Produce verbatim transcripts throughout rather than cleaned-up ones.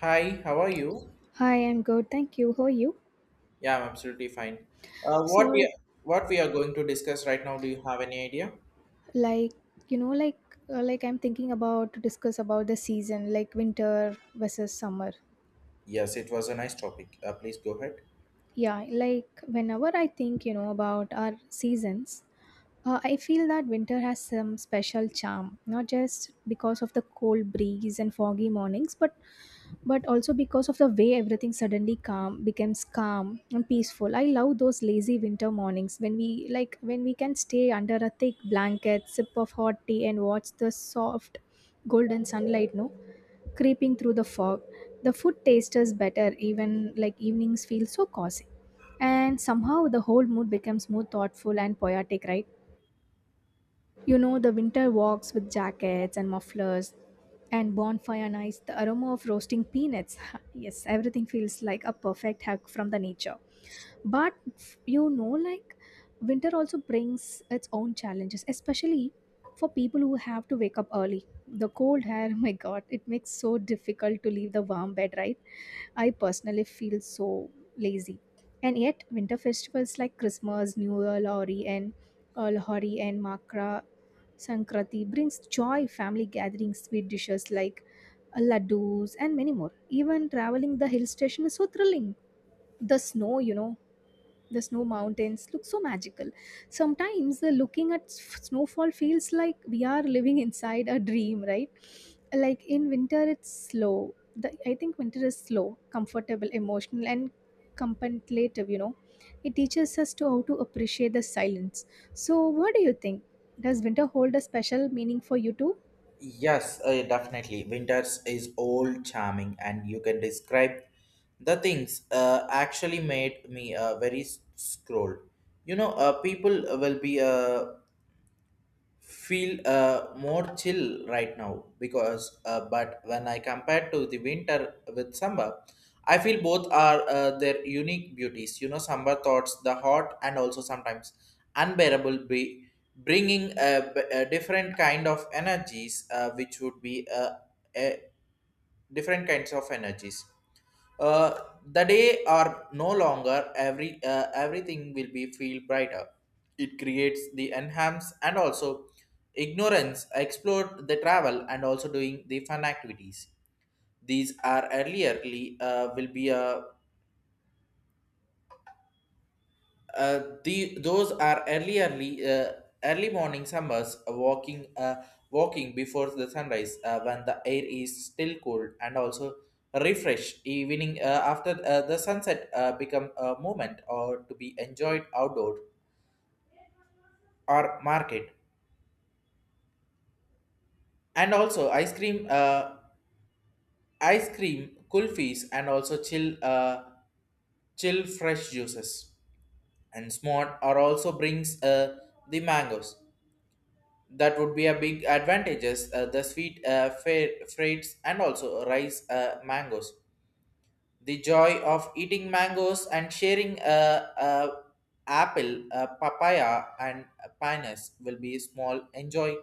Hi, how are you? Hi, I'm good. Thank you. How are you? Yeah, I'm absolutely fine. Uh, what we So, what we are going to discuss right now, do you have any idea? like, you know, like, uh, like I'm thinking about to discuss about the season, like winter versus summer. Yes, it was a nice topic. Uh, please go ahead. Yeah, like whenever I think, you know, about our seasons, Uh, I feel that winter has some special charm, not just because of the cold breeze and foggy mornings, but but also because of the way everything suddenly calm becomes calm and peaceful. I love those lazy winter mornings when we like when we can stay under a thick blanket, sip of hot tea, and watch the soft golden sunlight, no, creeping through the fog. The food tastes better, even like evenings feel so cozy, and somehow the whole mood becomes more thoughtful and poetic, right? You know, the winter walks with jackets and mufflers and bonfire nights, the aroma of roasting peanuts. Yes, everything feels like a perfect hug from the nature, but you know like winter also brings its own challenges, especially for people who have to wake up early. The cold air, my god, it makes so difficult to leave the warm bed, right? I personally feel so lazy. And yet winter festivals like Christmas, New Year, Lori, and uh, Lahori and Makra Sankrati brings joy, family gatherings, sweet dishes like laddus and many more. Even traveling the hill station is so thrilling. The snow, you know, the snow mountains look so magical. Sometimes the looking at s- snowfall feels like we are living inside a dream, right? Like in winter it's slow the, I think winter is slow, comfortable, emotional, and contemplative, you know. It teaches us to how to appreciate the silence. So what do you think? Does winter hold a special meaning for you too? Yes, uh, definitely. Winters is old charming, and you can describe the things uh, actually made me uh, very s- scroll. You know, uh, people will be uh, feel uh, more chill right now because uh, but when I compare to the winter with summer I feel both are uh, their unique beauties, you know, summer thoughts the hot and also sometimes unbearable be bringing a, b- a different kind of energies uh, which would be uh, uh, different kinds of energies. Uh, the day are no longer every uh, everything will be feel brighter. It creates the enhance and also ignorance, explore the travel and also doing the fun activities. These are earlierly uh, will be a Uh, the those are early early uh, early morning summers uh, walking uh, walking before the sunrise uh, when the air is still cool and also refresh evening uh, after uh, the sunset uh, become a moment or to be enjoyed outdoor or market, and also ice cream uh, ice cream kulfis, and also chill uh, chill fresh juices, and smart are also brings uh, the mangoes. That would be a big advantages, uh, the sweet uh, fa- freights and also rice uh, mangoes, the joy of eating mangoes and sharing uh, uh, apple, uh, papaya, and pinus will be small enjoying,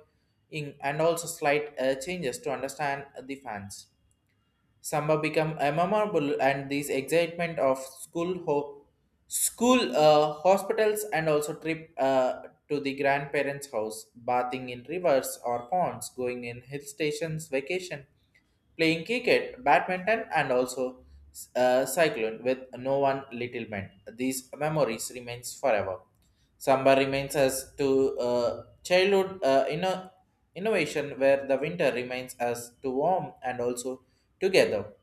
and also slight uh, changes to understand the fans. Samba become a memorable, and this excitement of school ho- school uh, hospitals, and also trip uh, to the grandparents' house, bathing in rivers or ponds, going in hill stations, vacation, playing cricket, badminton, and also uh, cycling with no one little man. These memories remains forever. Samba remains as to uh, childhood uh, inno- innovation, where the winter remains as to warm and also together.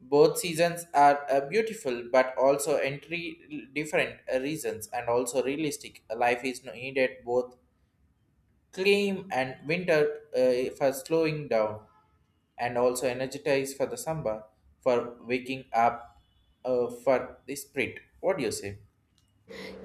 Both seasons are uh, beautiful but also entry different uh, reasons and also realistic. Life is no needed both claim and winter uh, for slowing down, and also energize for the samba for waking up, uh, for the spirit. What do you say?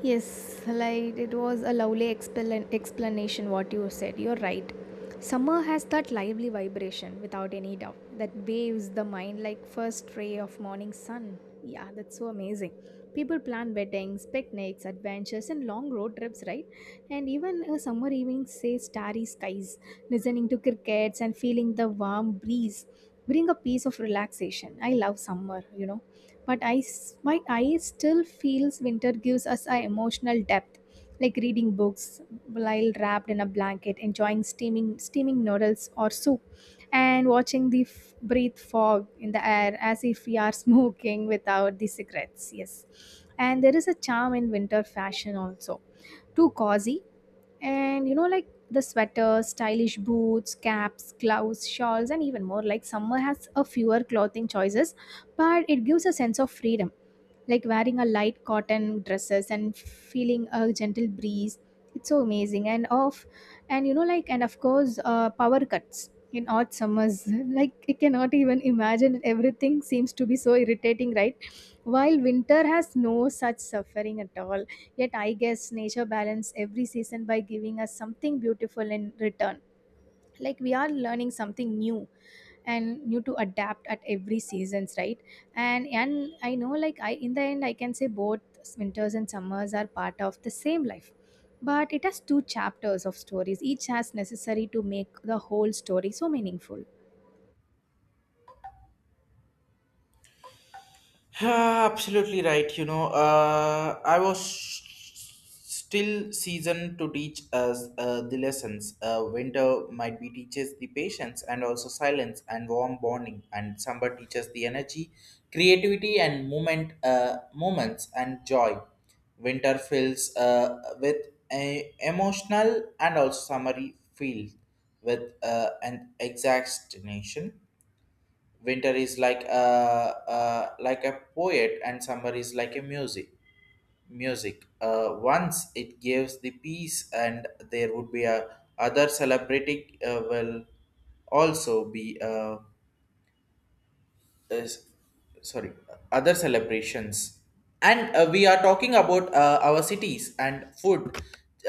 Yes, like it was a lovely explan- explanation what you said. You're right. Summer has that lively vibration without any doubt that waves the mind like first ray of morning sun. Yeah, that's so amazing. People plan weddings, picnics, adventures, and long road trips, right? And even a summer evening say starry skies, listening to crickets and feeling the warm breeze bring a piece of relaxation. I love summer, you know, but I, s- my I still feels winter gives us a emotional depth, like reading books while wrapped in a blanket, enjoying steaming steaming noodles or soup, and watching the f- breathe fog in the air as if we are smoking without the cigarettes. Yes, and there is a charm in winter fashion also, too cozy. And you know like the sweaters, stylish boots, caps, gloves, shawls, and even more. Like summer has a fewer clothing choices, but it gives a sense of freedom, like wearing a light cotton dresses and feeling a gentle breeze. It's so amazing. And off and you know like and of course, uh, power cuts in hot summers, like I cannot even imagine, everything seems to be so irritating, right? While winter has no such suffering at all. Yet I guess nature balance every season by giving us something beautiful in return, like we are learning something new and new to adapt at every seasons, right? And and I know, like I in the end I can say both winters and summers are part of the same life, but it has two chapters of stories, each has necessary to make the whole story so meaningful. Yeah, absolutely right. You know, uh, I was still seasoned to teach us uh, the lessons. Uh, winter might be teaches the patience and also silence and warm bonding, and summer teaches the energy, creativity, and moment, uh, moments and joy. Winter fills uh, with a emotional and also summary feel with uh, an exact nation. Winter is like a, uh, like a poet, and summer is like a music music uh, once it gives the peace, and there would be a other celebrating uh, will also be uh, uh, sorry, other celebrations. And uh, we are talking about uh, our cities and food,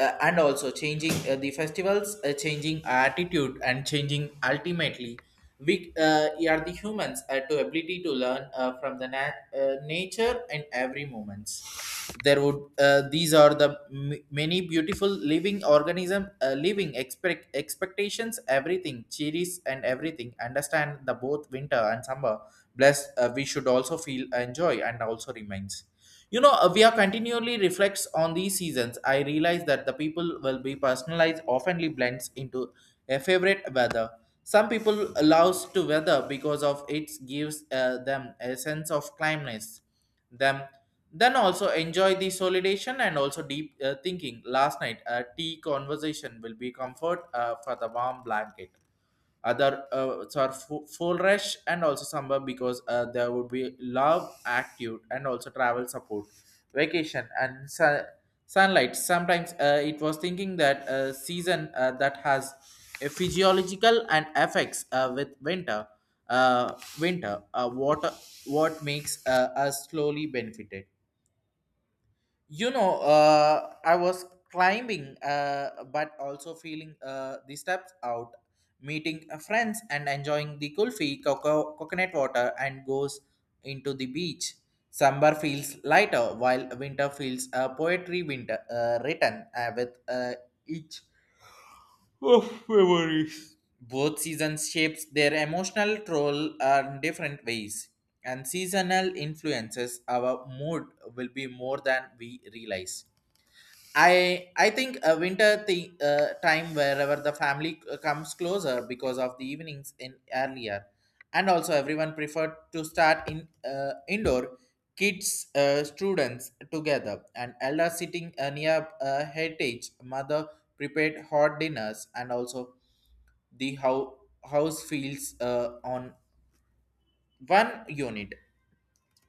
uh, and also changing uh, the festivals, uh, changing attitude and changing ultimately we uh, are the humans, uh, to ability to learn uh, from the nat- uh, nature in every moments. There would uh, these are the m- many beautiful living organism, uh, living expect expectations, everything cheeries and everything understand the both winter and summer bless. Uh, we should also feel uh, enjoy and also remains. You know, uh, we are continually reflects on these seasons. I realize that the people will be personalized oftenly blends into a favorite weather. Some people allows to weather because of it gives uh, them a sense of calmness, them, then also enjoy the solidation and also deep uh, thinking. Last night, a tea conversation will be comfort uh, for the warm blanket. Other uh, so are fu- full rush, and also summer because uh, there would be love active and also travel support, vacation and su- sunlight. Sometimes uh, it was thinking that uh, season uh, that has a physiological and effects uh, with winter uh, winter uh, what what makes uh, us slowly benefited. You know, uh, I was climbing uh, but also feeling uh, the steps out, meeting uh, friends and enjoying the kulfi, coco- coconut water, and goes into the beach. Summer feels lighter, while winter feels uh, poetry. Winter uh, written uh, with uh, each, oh, memories. Both seasons shapes their emotional role in different ways, and seasonal influences our mood will be more than we realize. I I think a winter thi- uh, time wherever the family uh, comes closer because of the evenings in earlier, and also everyone preferred to start in uh, indoor. Kids, uh, students together, and elder sitting uh, near uh, heritage. Mother prepared hot dinners, and also the how house feels uh, on one unit.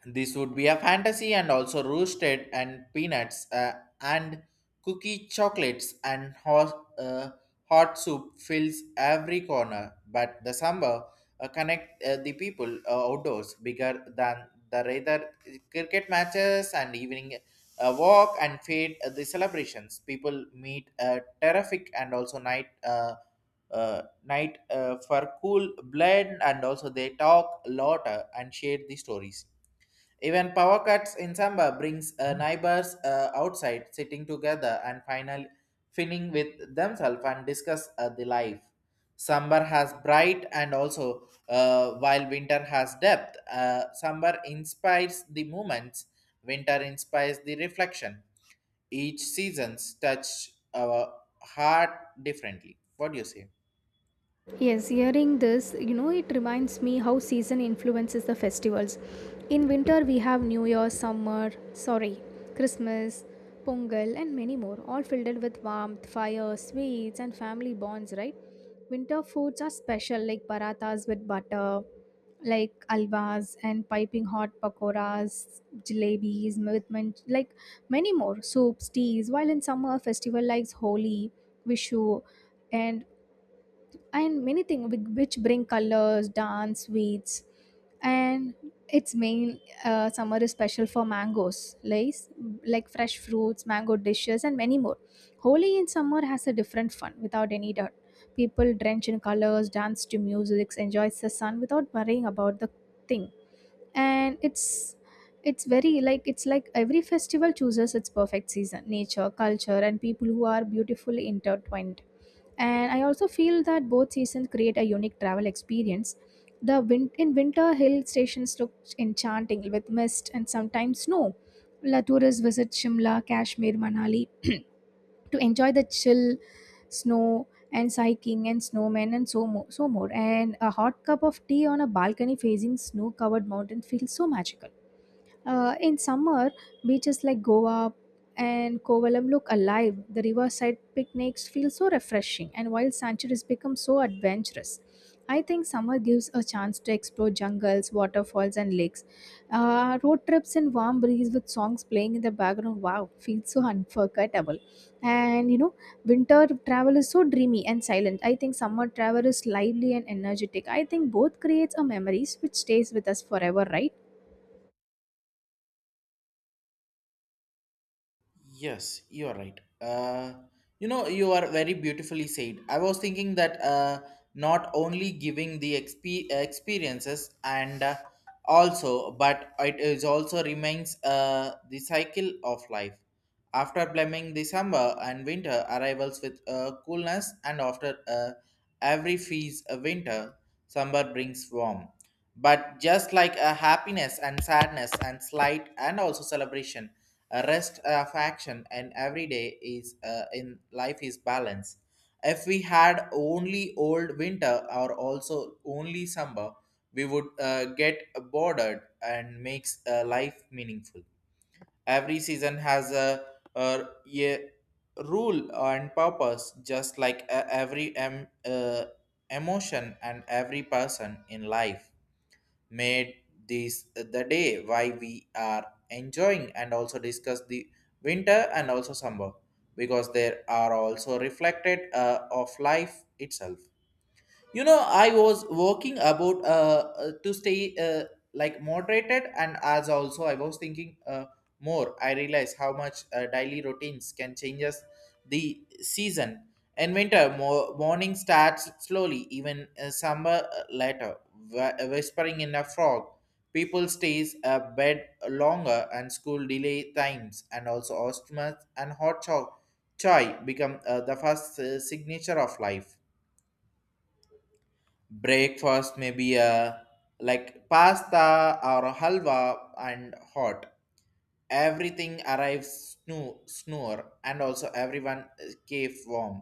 This would be a fantasy, and also roasted and peanuts uh, and cookie chocolates, and hot, uh, hot soup fills every corner. But the samba uh, connect uh, the people uh, outdoors bigger than the rather cricket matches and evening uh, walk, and fade uh, the celebrations. People meet uh, terrific and also night. Uh, uh, night uh, for cool blend, and also they talk a lot uh, and share the stories. Even power cuts in samba brings uh, neighbors uh, outside sitting together, and finally finning with themselves, and discuss uh, the life. Summer has bright and also uh, while winter has depth. Uh, summer inspires the moments, winter inspires the reflection. Each season's touch our heart differently. What do you say? Yes, hearing this, you know, it reminds me how season influences the festivals. In winter, we have New Year, summer, sorry, Christmas, Pongal, and many more, all filled with warmth, fire, sweets, and family bonds, right? Winter foods are special, like parathas with butter, like alvas and piping hot pakoras, jalebis, with man- like many more soups, teas. While in summer, festival like Holi, Vishu, and and many things which bring colors, dance, sweets, and its main, uh, summer is special for mangoes, like like fresh fruits, mango dishes, and many more. Holi in summer has a different fun without any doubt. People drench in colors, dance to music, enjoys the sun without worrying about the thing. And it's it's very like it's like every festival chooses its perfect season. Nature, culture, and people who are beautifully intertwined. And I also feel that both seasons create a unique travel experience. The win- in winter, hill stations look enchanting with mist and sometimes snow. La tourists visit Shimla, Kashmir, Manali to enjoy the chill, snow, and hiking and snowmen and so, mo- so more. And a hot cup of tea on a balcony facing snow covered mountain feels so magical. Uh, in summer, beaches like Goa and Kovalam look alive. The riverside picnics feel so refreshing, and wild sanctuaries become so adventurous. I think summer gives a chance to explore jungles, waterfalls, and lakes. Uh, road trips in warm breeze with songs playing in the background, wow, feels so unforgettable. And you know, winter travel is so dreamy and silent. I think summer travel is lively and energetic. I think both creates a memories which stays with us forever, right? Yes, you are right. Uh, you know, you are very beautifully said. I was thinking that uh, not only giving the exp- experiences, and uh, also, but it is also remains uh, the cycle of life. After blaming the summer and winter arrivals with uh, coolness, and after uh, every freeze uh, winter, summer brings warmth, but just like a happiness and sadness and slight and also celebration, a rest of action, and every day is uh, in life is balance. If we had only old winter or also only summer, we would uh, get bored, and makes uh, life meaningful. Every season has a, a, a rule and purpose, just like uh, every em, uh, emotion and every person in life made this the day why we are enjoying and also discuss the winter and also summer, because there are also reflected uh, of life itself. You know, I was working about uh, uh, to stay uh, like moderated, and as also I was thinking uh, more I realize how much uh, daily routines can change us. The season in winter mo- morning starts slowly, even uh, summer uh, later, wh- whispering in a frog. People stays a bed longer, and school delay times, and also ostomas and hot cho- chai become uh, the first uh, signature of life. Breakfast maybe a like pasta or halwa and hot, everything arrives snoo- snore, and also everyone cave warm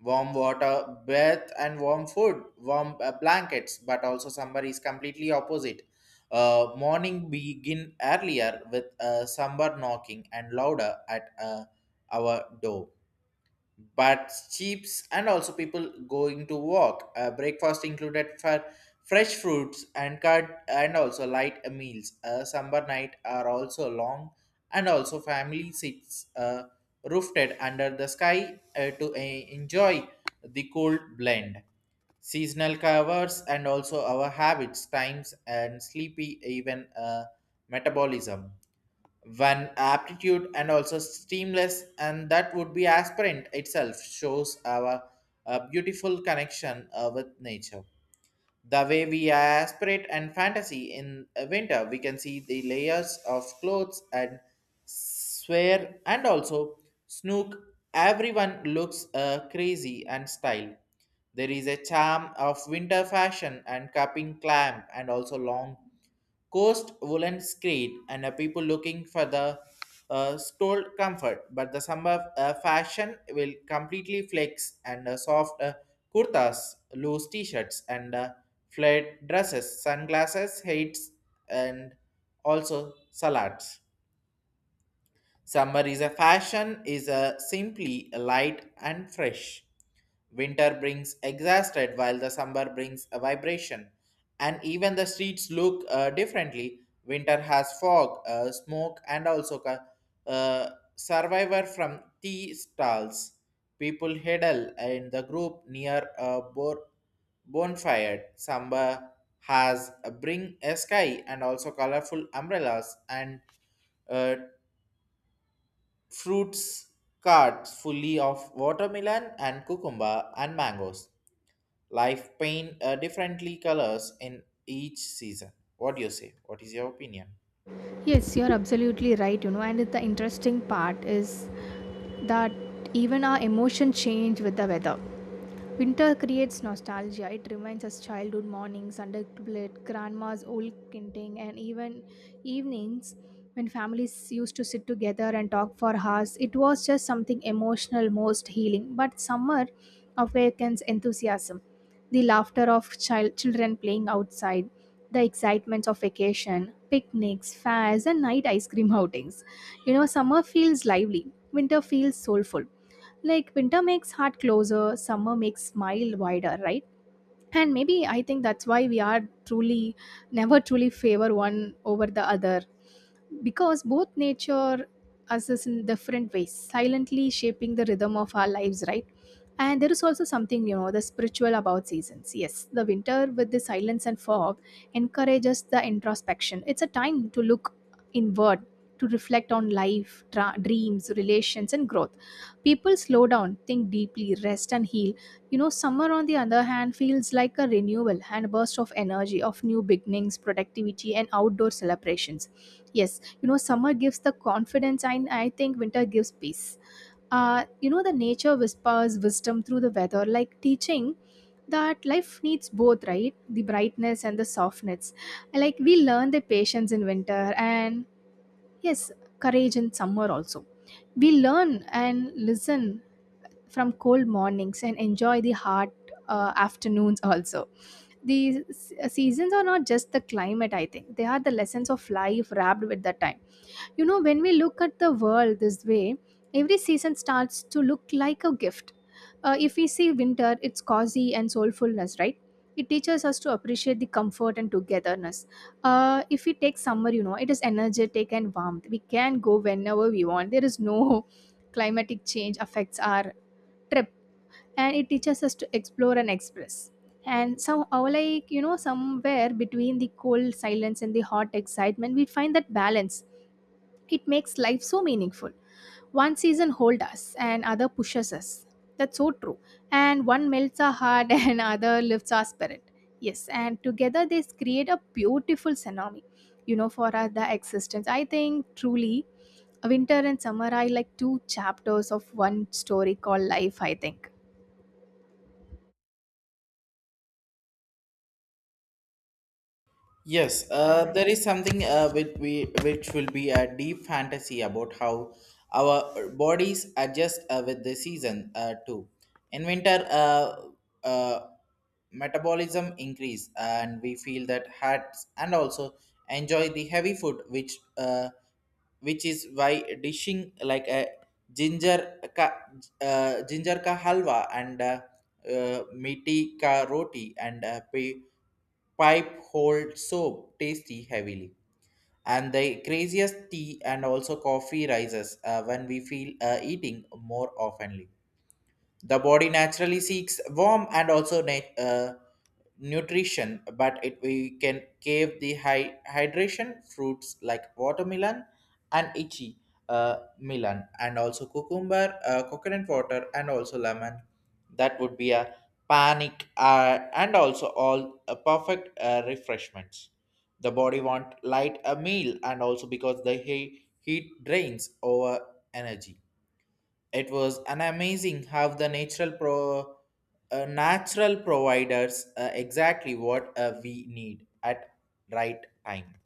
warm water bath and warm food warm uh, blankets. But also somebody is completely opposite. Uh, morning begin earlier with uh, somebody knocking and louder at uh, our door, but cheaps and also people going to walk. Uh, breakfast included for fresh fruits and cut, and also light meals. Uh, summer night are also long, and also family sits uh, roofed under the sky uh, to uh, enjoy the cold blend. Seasonal covers and also our habits, times and sleepy, even uh, metabolism. One aptitude and also steamless, and that would be aspirant itself shows our a beautiful connection uh, with nature. The way we aspirate and fantasy in uh, winter, we can see the layers of clothes and swear and also snook. Everyone looks uh, crazy and style. There is a charm of winter fashion and cupping clamp, and also long coast woolen screen, and uh, people looking for the uh, stole comfort. But the summer uh, fashion will completely flex, and uh, soft uh, kurtas, loose t-shirts, and uh, flared dresses, sunglasses, hats, and also salads. Summer is a fashion, is a simply light and fresh. Winter brings exhausted, while the summer brings a vibration. And even the streets look uh, differently. Winter has fog, uh, smoke, and also ca- uh, survivor from tea stalls. People huddle in the group near a bor- bonfire. Summer has a bring a sky, and also colorful umbrellas, and uh, fruits carts fully of watermelon and cucumber and mangoes. Life paint uh, differently colors in each season. What do you say? What is your opinion? Yes, you're absolutely right, you know, and the interesting part is that even our emotions change with the weather. Winter creates nostalgia. It reminds us childhood mornings under blanket, grandma's old knitting, and even evenings when families used to sit together and talk for hours. It was just something emotional, most healing. But summer awakens enthusiasm. The laughter of child children playing outside, the excitements of vacation, picnics, fairs, and night ice cream outings. You know, summer feels lively. Winter feels soulful. Like winter makes heart closer, summer makes smile wider, right? And maybe I think that's why we are truly never truly favor one over the other, because both nature us is in different ways silently shaping the rhythm of our lives, right? And there is also something, you know, the spiritual about seasons. Yes, the winter with the silence and fog encourages the introspection. It's a time to look inward, to reflect on life, tra- dreams, relations, and growth. People slow down, think deeply, rest, and heal. You know, summer, on the other hand, feels like a renewal and a burst of energy, of new beginnings, productivity, and outdoor celebrations. Yes, you know, summer gives the confidence, and I think winter gives peace. Uh, you know, the nature whispers wisdom through the weather, like teaching that life needs both, right? The brightness and the softness. Like we learn the patience in winter, and yes, courage in summer also. We learn and listen from cold mornings and enjoy the hot uh, afternoons also. These seasons are not just the climate. I think they are the lessons of life wrapped with the time. You know, when we look at the world this way, every season starts to look like a gift. Uh, if we see winter, it's cozy and soulfulness, right? It teaches us to appreciate the comfort and togetherness. Uh, if we take summer, you know, it is energetic and warmth. We can go whenever we want. There is no climatic change affects our trip. And it teaches us to explore and express. And some, somehow like you know, somewhere between the cold silence and the hot excitement, we find that balance. It makes life so meaningful. One season holds us and other pushes us. That's so true. And one melts our heart and other lifts our spirit. Yes, and together they create a beautiful synonymy, you know, for our the existence. I think truly winter and summer are like two chapters of one story called life, I think. Yes, uh, there is something uh, which, we, which will be a deep fantasy about how our bodies adjust uh, with the season uh, too. In winter, uh, uh, metabolism increase and we feel that hats and also enjoy the heavy food which uh, which is why dishing like a ginger ka, uh, ginger ka halwa and uh, uh, meaty ka roti and uh, pe- pipe hold soap tasty heavily and the craziest tea and also coffee rises uh, when we feel uh, eating more oftenly the body naturally seeks warm and also na- uh, nutrition, but it we can give the high hydration fruits like watermelon and itchy uh, melon and also cucumber, uh, coconut water, and also lemon. That would be a panic uh, and also all uh, perfect uh, refreshments. The body want light a meal and also because the he- heat drains over energy it was an amazing how the natural pro uh, natural providers uh, exactly what uh, we need at right time.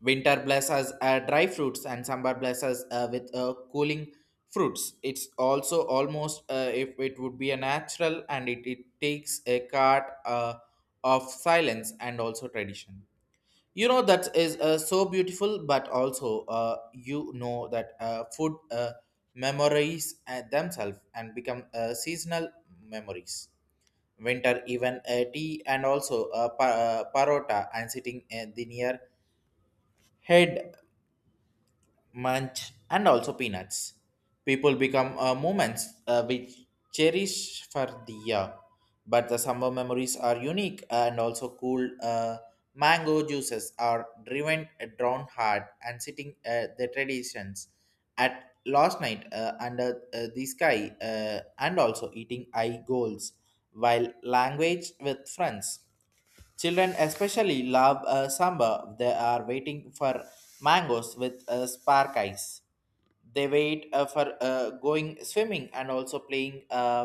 Winter blesses uh, dry fruits and summer blesses uh, with uh, cooling fruits. It's also almost uh, if it would be a natural and it, it takes a card uh, of silence and also tradition. You know that is uh, so beautiful, but also uh, you know that uh, food uh, memories uh, themselves and become uh, seasonal memories. Winter even uh, tea and also uh, pa- uh, parota and sitting uh, the near head munch, and also peanuts. People become uh, moments uh, we cherish for the year, but the summer memories are unique and also cool. Uh, mango juices are driven, uh, drawn hard, and sitting uh, the traditions at last night uh, under uh, the sky, uh, and also eating eye goals while language with friends. Children especially love uh, samba. They are waiting for mangoes with uh, spark eyes. They wait uh, for uh, going swimming and also playing uh,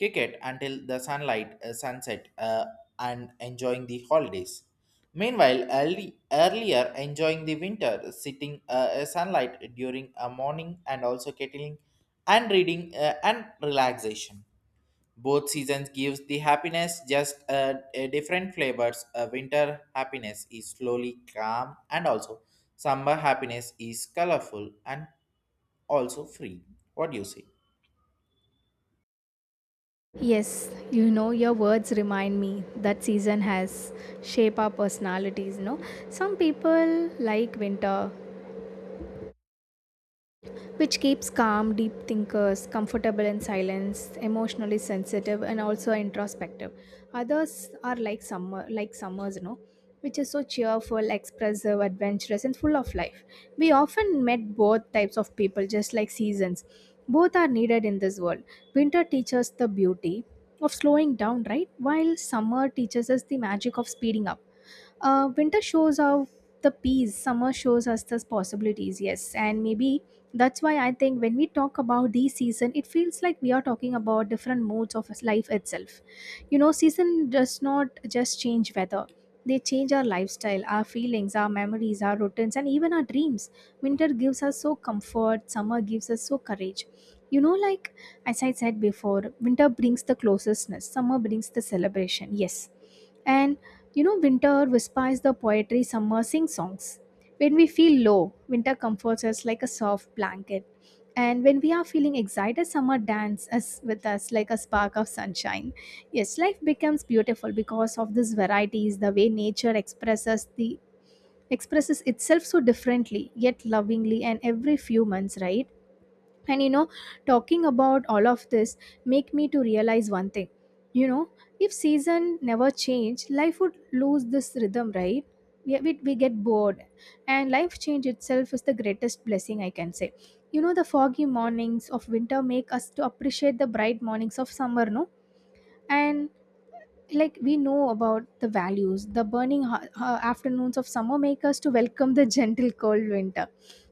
cricket until the sunlight uh, sunset uh, and enjoying the holidays. Meanwhile, early, earlier enjoying the winter, sitting uh, uh, sunlight during a morning and also kettling and reading uh, and relaxation both seasons gives the happiness just uh, a different flavors uh, winter happiness is slowly calm and also summer happiness is colorful and also free what do you say Yes, you know, your words remind me that season has shape our personalities, no? Some people like winter, which keeps calm, deep thinkers comfortable in silence, emotionally sensitive, and also introspective. Others are like summer, like summers, you know, which is so cheerful, expressive, adventurous, and full of life. We often met both types of people, just like seasons. Both are needed in this world. Winter teaches the beauty of slowing down, right? While summer teaches us the magic of speeding up. Uh, winter shows us the peace, summer shows us the possibilities, yes. And maybe that's why I think when we talk about the season, it feels like we are talking about different modes of life itself. You know, season does not just change weather. They change our lifestyle, our feelings, our memories, our routines, and even our dreams. Winter gives us so comfort, summer gives us so courage. You know, like as I said before, winter brings the closeness, summer brings the celebration, yes. And you know, winter whispers the poetry, summer sings songs. When we feel low, winter comforts us like a soft blanket. And when we are feeling excited, summer dances with us like a spark of sunshine. Yes, life becomes beautiful because of these varieties, the way nature expresses the expresses itself so differently, yet lovingly, and every few months, right? And you know, talking about all of this make me to realize one thing, you know, if season never change life would lose this rhythm, right? We, we, we get bored, and life change itself is the greatest blessing I can say. You know, the foggy mornings of winter make us to appreciate the bright mornings of summer, no? And like we know about the values, the burning ho- uh, afternoons of summer make us to welcome the gentle cold winter.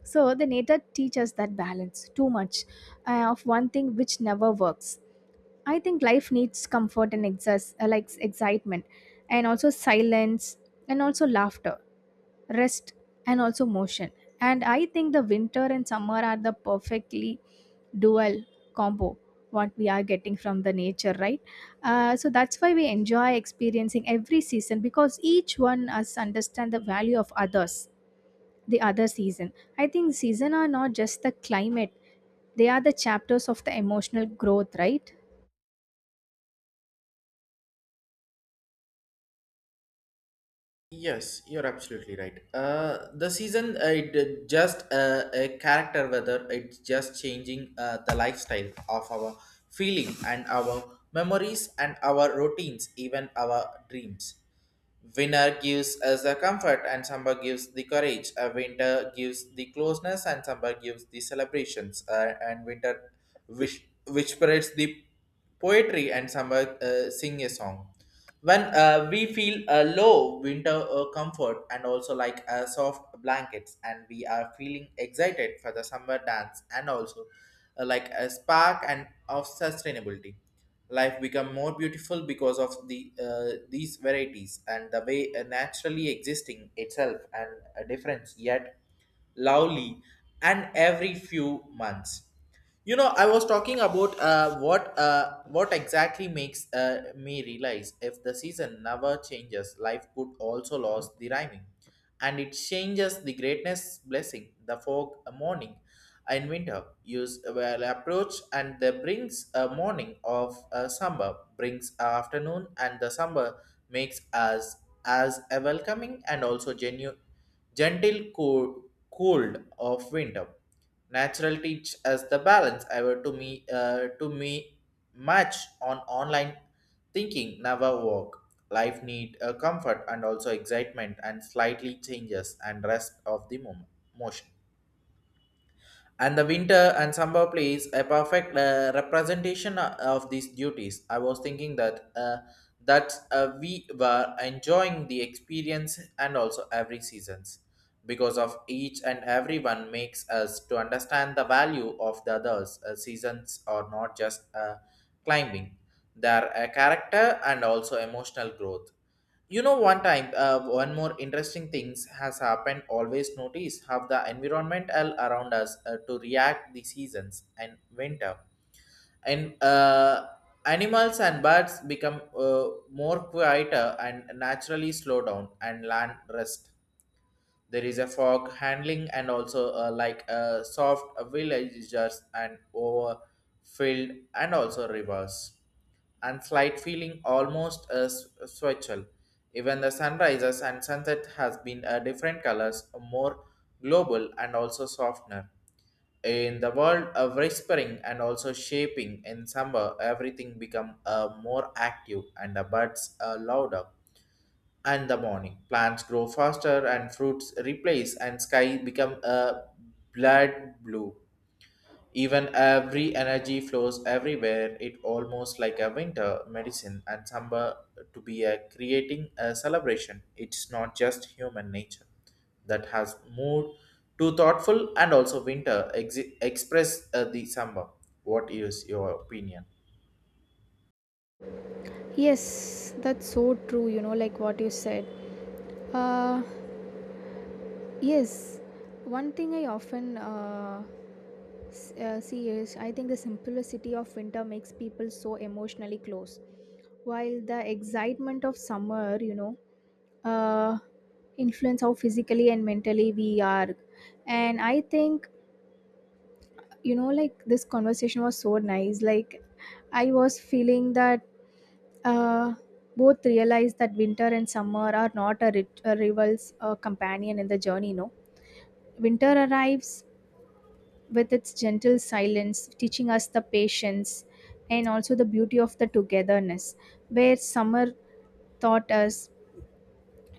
So the nature teaches that balance. Too much uh, of one thing which never works. I think life needs comfort and exas- uh, like excitement, and also silence, and also laughter, rest, and also motion. And I think the winter and summer are the perfectly dual combo what we are getting from the nature, right? Uh, so that's why we enjoy experiencing every season, because each one us understand the value of others, the other season. I think season are not just the climate, they are the chapters of the emotional growth, right? Yes, you're absolutely right. Uh, the season, uh, it uh, just uh, a character whether it's just changing uh, the lifestyle of our feeling and our memories and our routines, even our dreams. Winter gives us the comfort and summer gives the courage. A winter gives the closeness and summer gives the celebrations. Uh, and winter which which whispers the poetry and summer uh, sing a song. When uh, we feel uh, low, winter uh, comfort and also like uh, soft blankets, and we are feeling excited for the summer dance and also uh, like a spark and of sustainability life become more beautiful because of the uh, these varieties and the way uh, naturally existing itself and a difference yet lovely and every few months you know I was talking about uh, what uh, what exactly makes uh, me realize if the season never changes life could also lose the rhyming and it changes the greatness blessing the fog a morning and winter use a well approach and the brings a morning of a summer brings a afternoon and the summer makes us as a welcoming and also genu gentle cold, cold of winter. Natural teach as the balance ever to me uh, to me match on online thinking never work. Life need a comfort and also excitement and slightly changes and rest of the moment motion and the winter and summer plays a perfect uh, representation uh, of these duties. I was thinking that uh, that uh, we were enjoying the experience and also every seasons because of each and everyone makes us to understand the value of the others. Uh, seasons are not just uh, climbing; they are a character and also emotional growth. You know, one time, uh, one more interesting things has happened. Always notice how the environment all around us uh, to react the seasons and winter, and uh, animals and birds become uh, more quieter and naturally slow down and land rest there is a fog handling and also uh, like a soft villagers and overfilled and also rivers and slight feeling almost a switchel. Even the sunrises and sunset has been a different colors, more global and also softener. In the world of whispering and also shaping in summer, everything become uh, more active and the birds are louder and the morning. Plants grow faster and fruits replace and sky become a blood blue. Even every energy flows everywhere. It almost like a winter medicine and summer to be a creating a celebration. It's not just human nature that has moved to thoughtful and also winter ex- express uh, the summer. What is your opinion? Yes, that's so true, you know, like what you said. Uh, yes, one thing I often uh, S- uh, serious, I think the simplicity of winter makes people so emotionally close. While the excitement of summer, you know, uh, influence how physically and mentally we are. And I think, you know, like this conversation was so nice. Like, I was feeling that uh, both realize that winter and summer are not a, rit- a rival's uh, companion in the journey, no? Winter arrives with its gentle silence, teaching us the patience and also the beauty of the togetherness. Where summer taught us,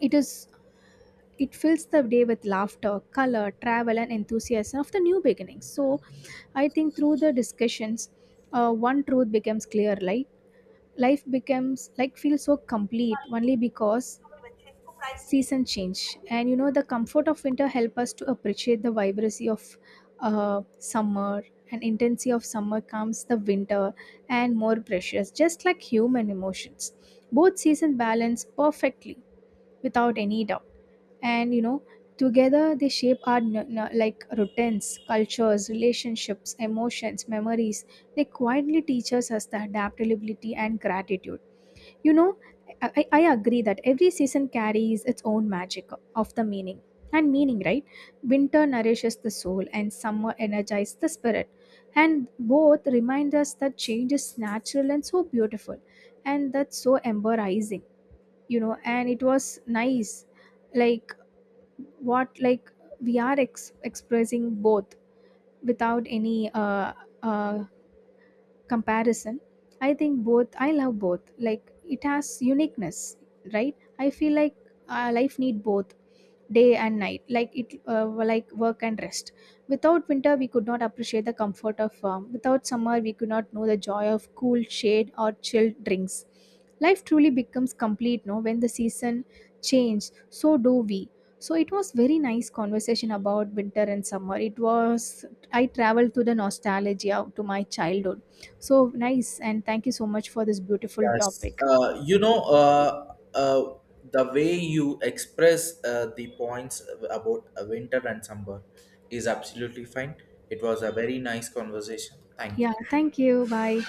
it is it fills the day with laughter, color, travel, and enthusiasm of the new beginnings. So, I think through the discussions, uh, one truth becomes clear. Like life becomes like feels so complete only because season change. And you know the comfort of winter help us to appreciate the vibrancy of uh, summer, and intensity of summer comes the winter and more precious, just like human emotions, both seasons balance perfectly without any doubt. And you know, together they shape our n- n- like routines, cultures, relationships, emotions, memories. They quietly teach us as the adaptability and gratitude. You know, I, I I agree that every season carries its own magic of the meaning. And meaning, right? Winter nourishes the soul and summer energizes the spirit. And both remind us that change is natural and so beautiful. And that's so embarrassing, you know. And it was nice. Like, what, like, we are ex- expressing both without any uh, uh, comparison. I think both, I love both, like it has uniqueness, right? I feel like uh, life need both day and night, like it uh, like work and rest. Without winter we could not appreciate the comfort of warm, without summer we could not know the joy of cool shade or chilled drinks. Life truly becomes complete, no, when the season change, so do we. So it was very nice conversation about winter and summer. It was, I traveled to the nostalgia to my childhood. So nice, and thank you so much for this beautiful Yes, topic. uh, you know, uh, uh, the way you express uh, the points about uh, winter and summer is absolutely fine. It was a very nice conversation. Thank Yeah, you. thank you, bye.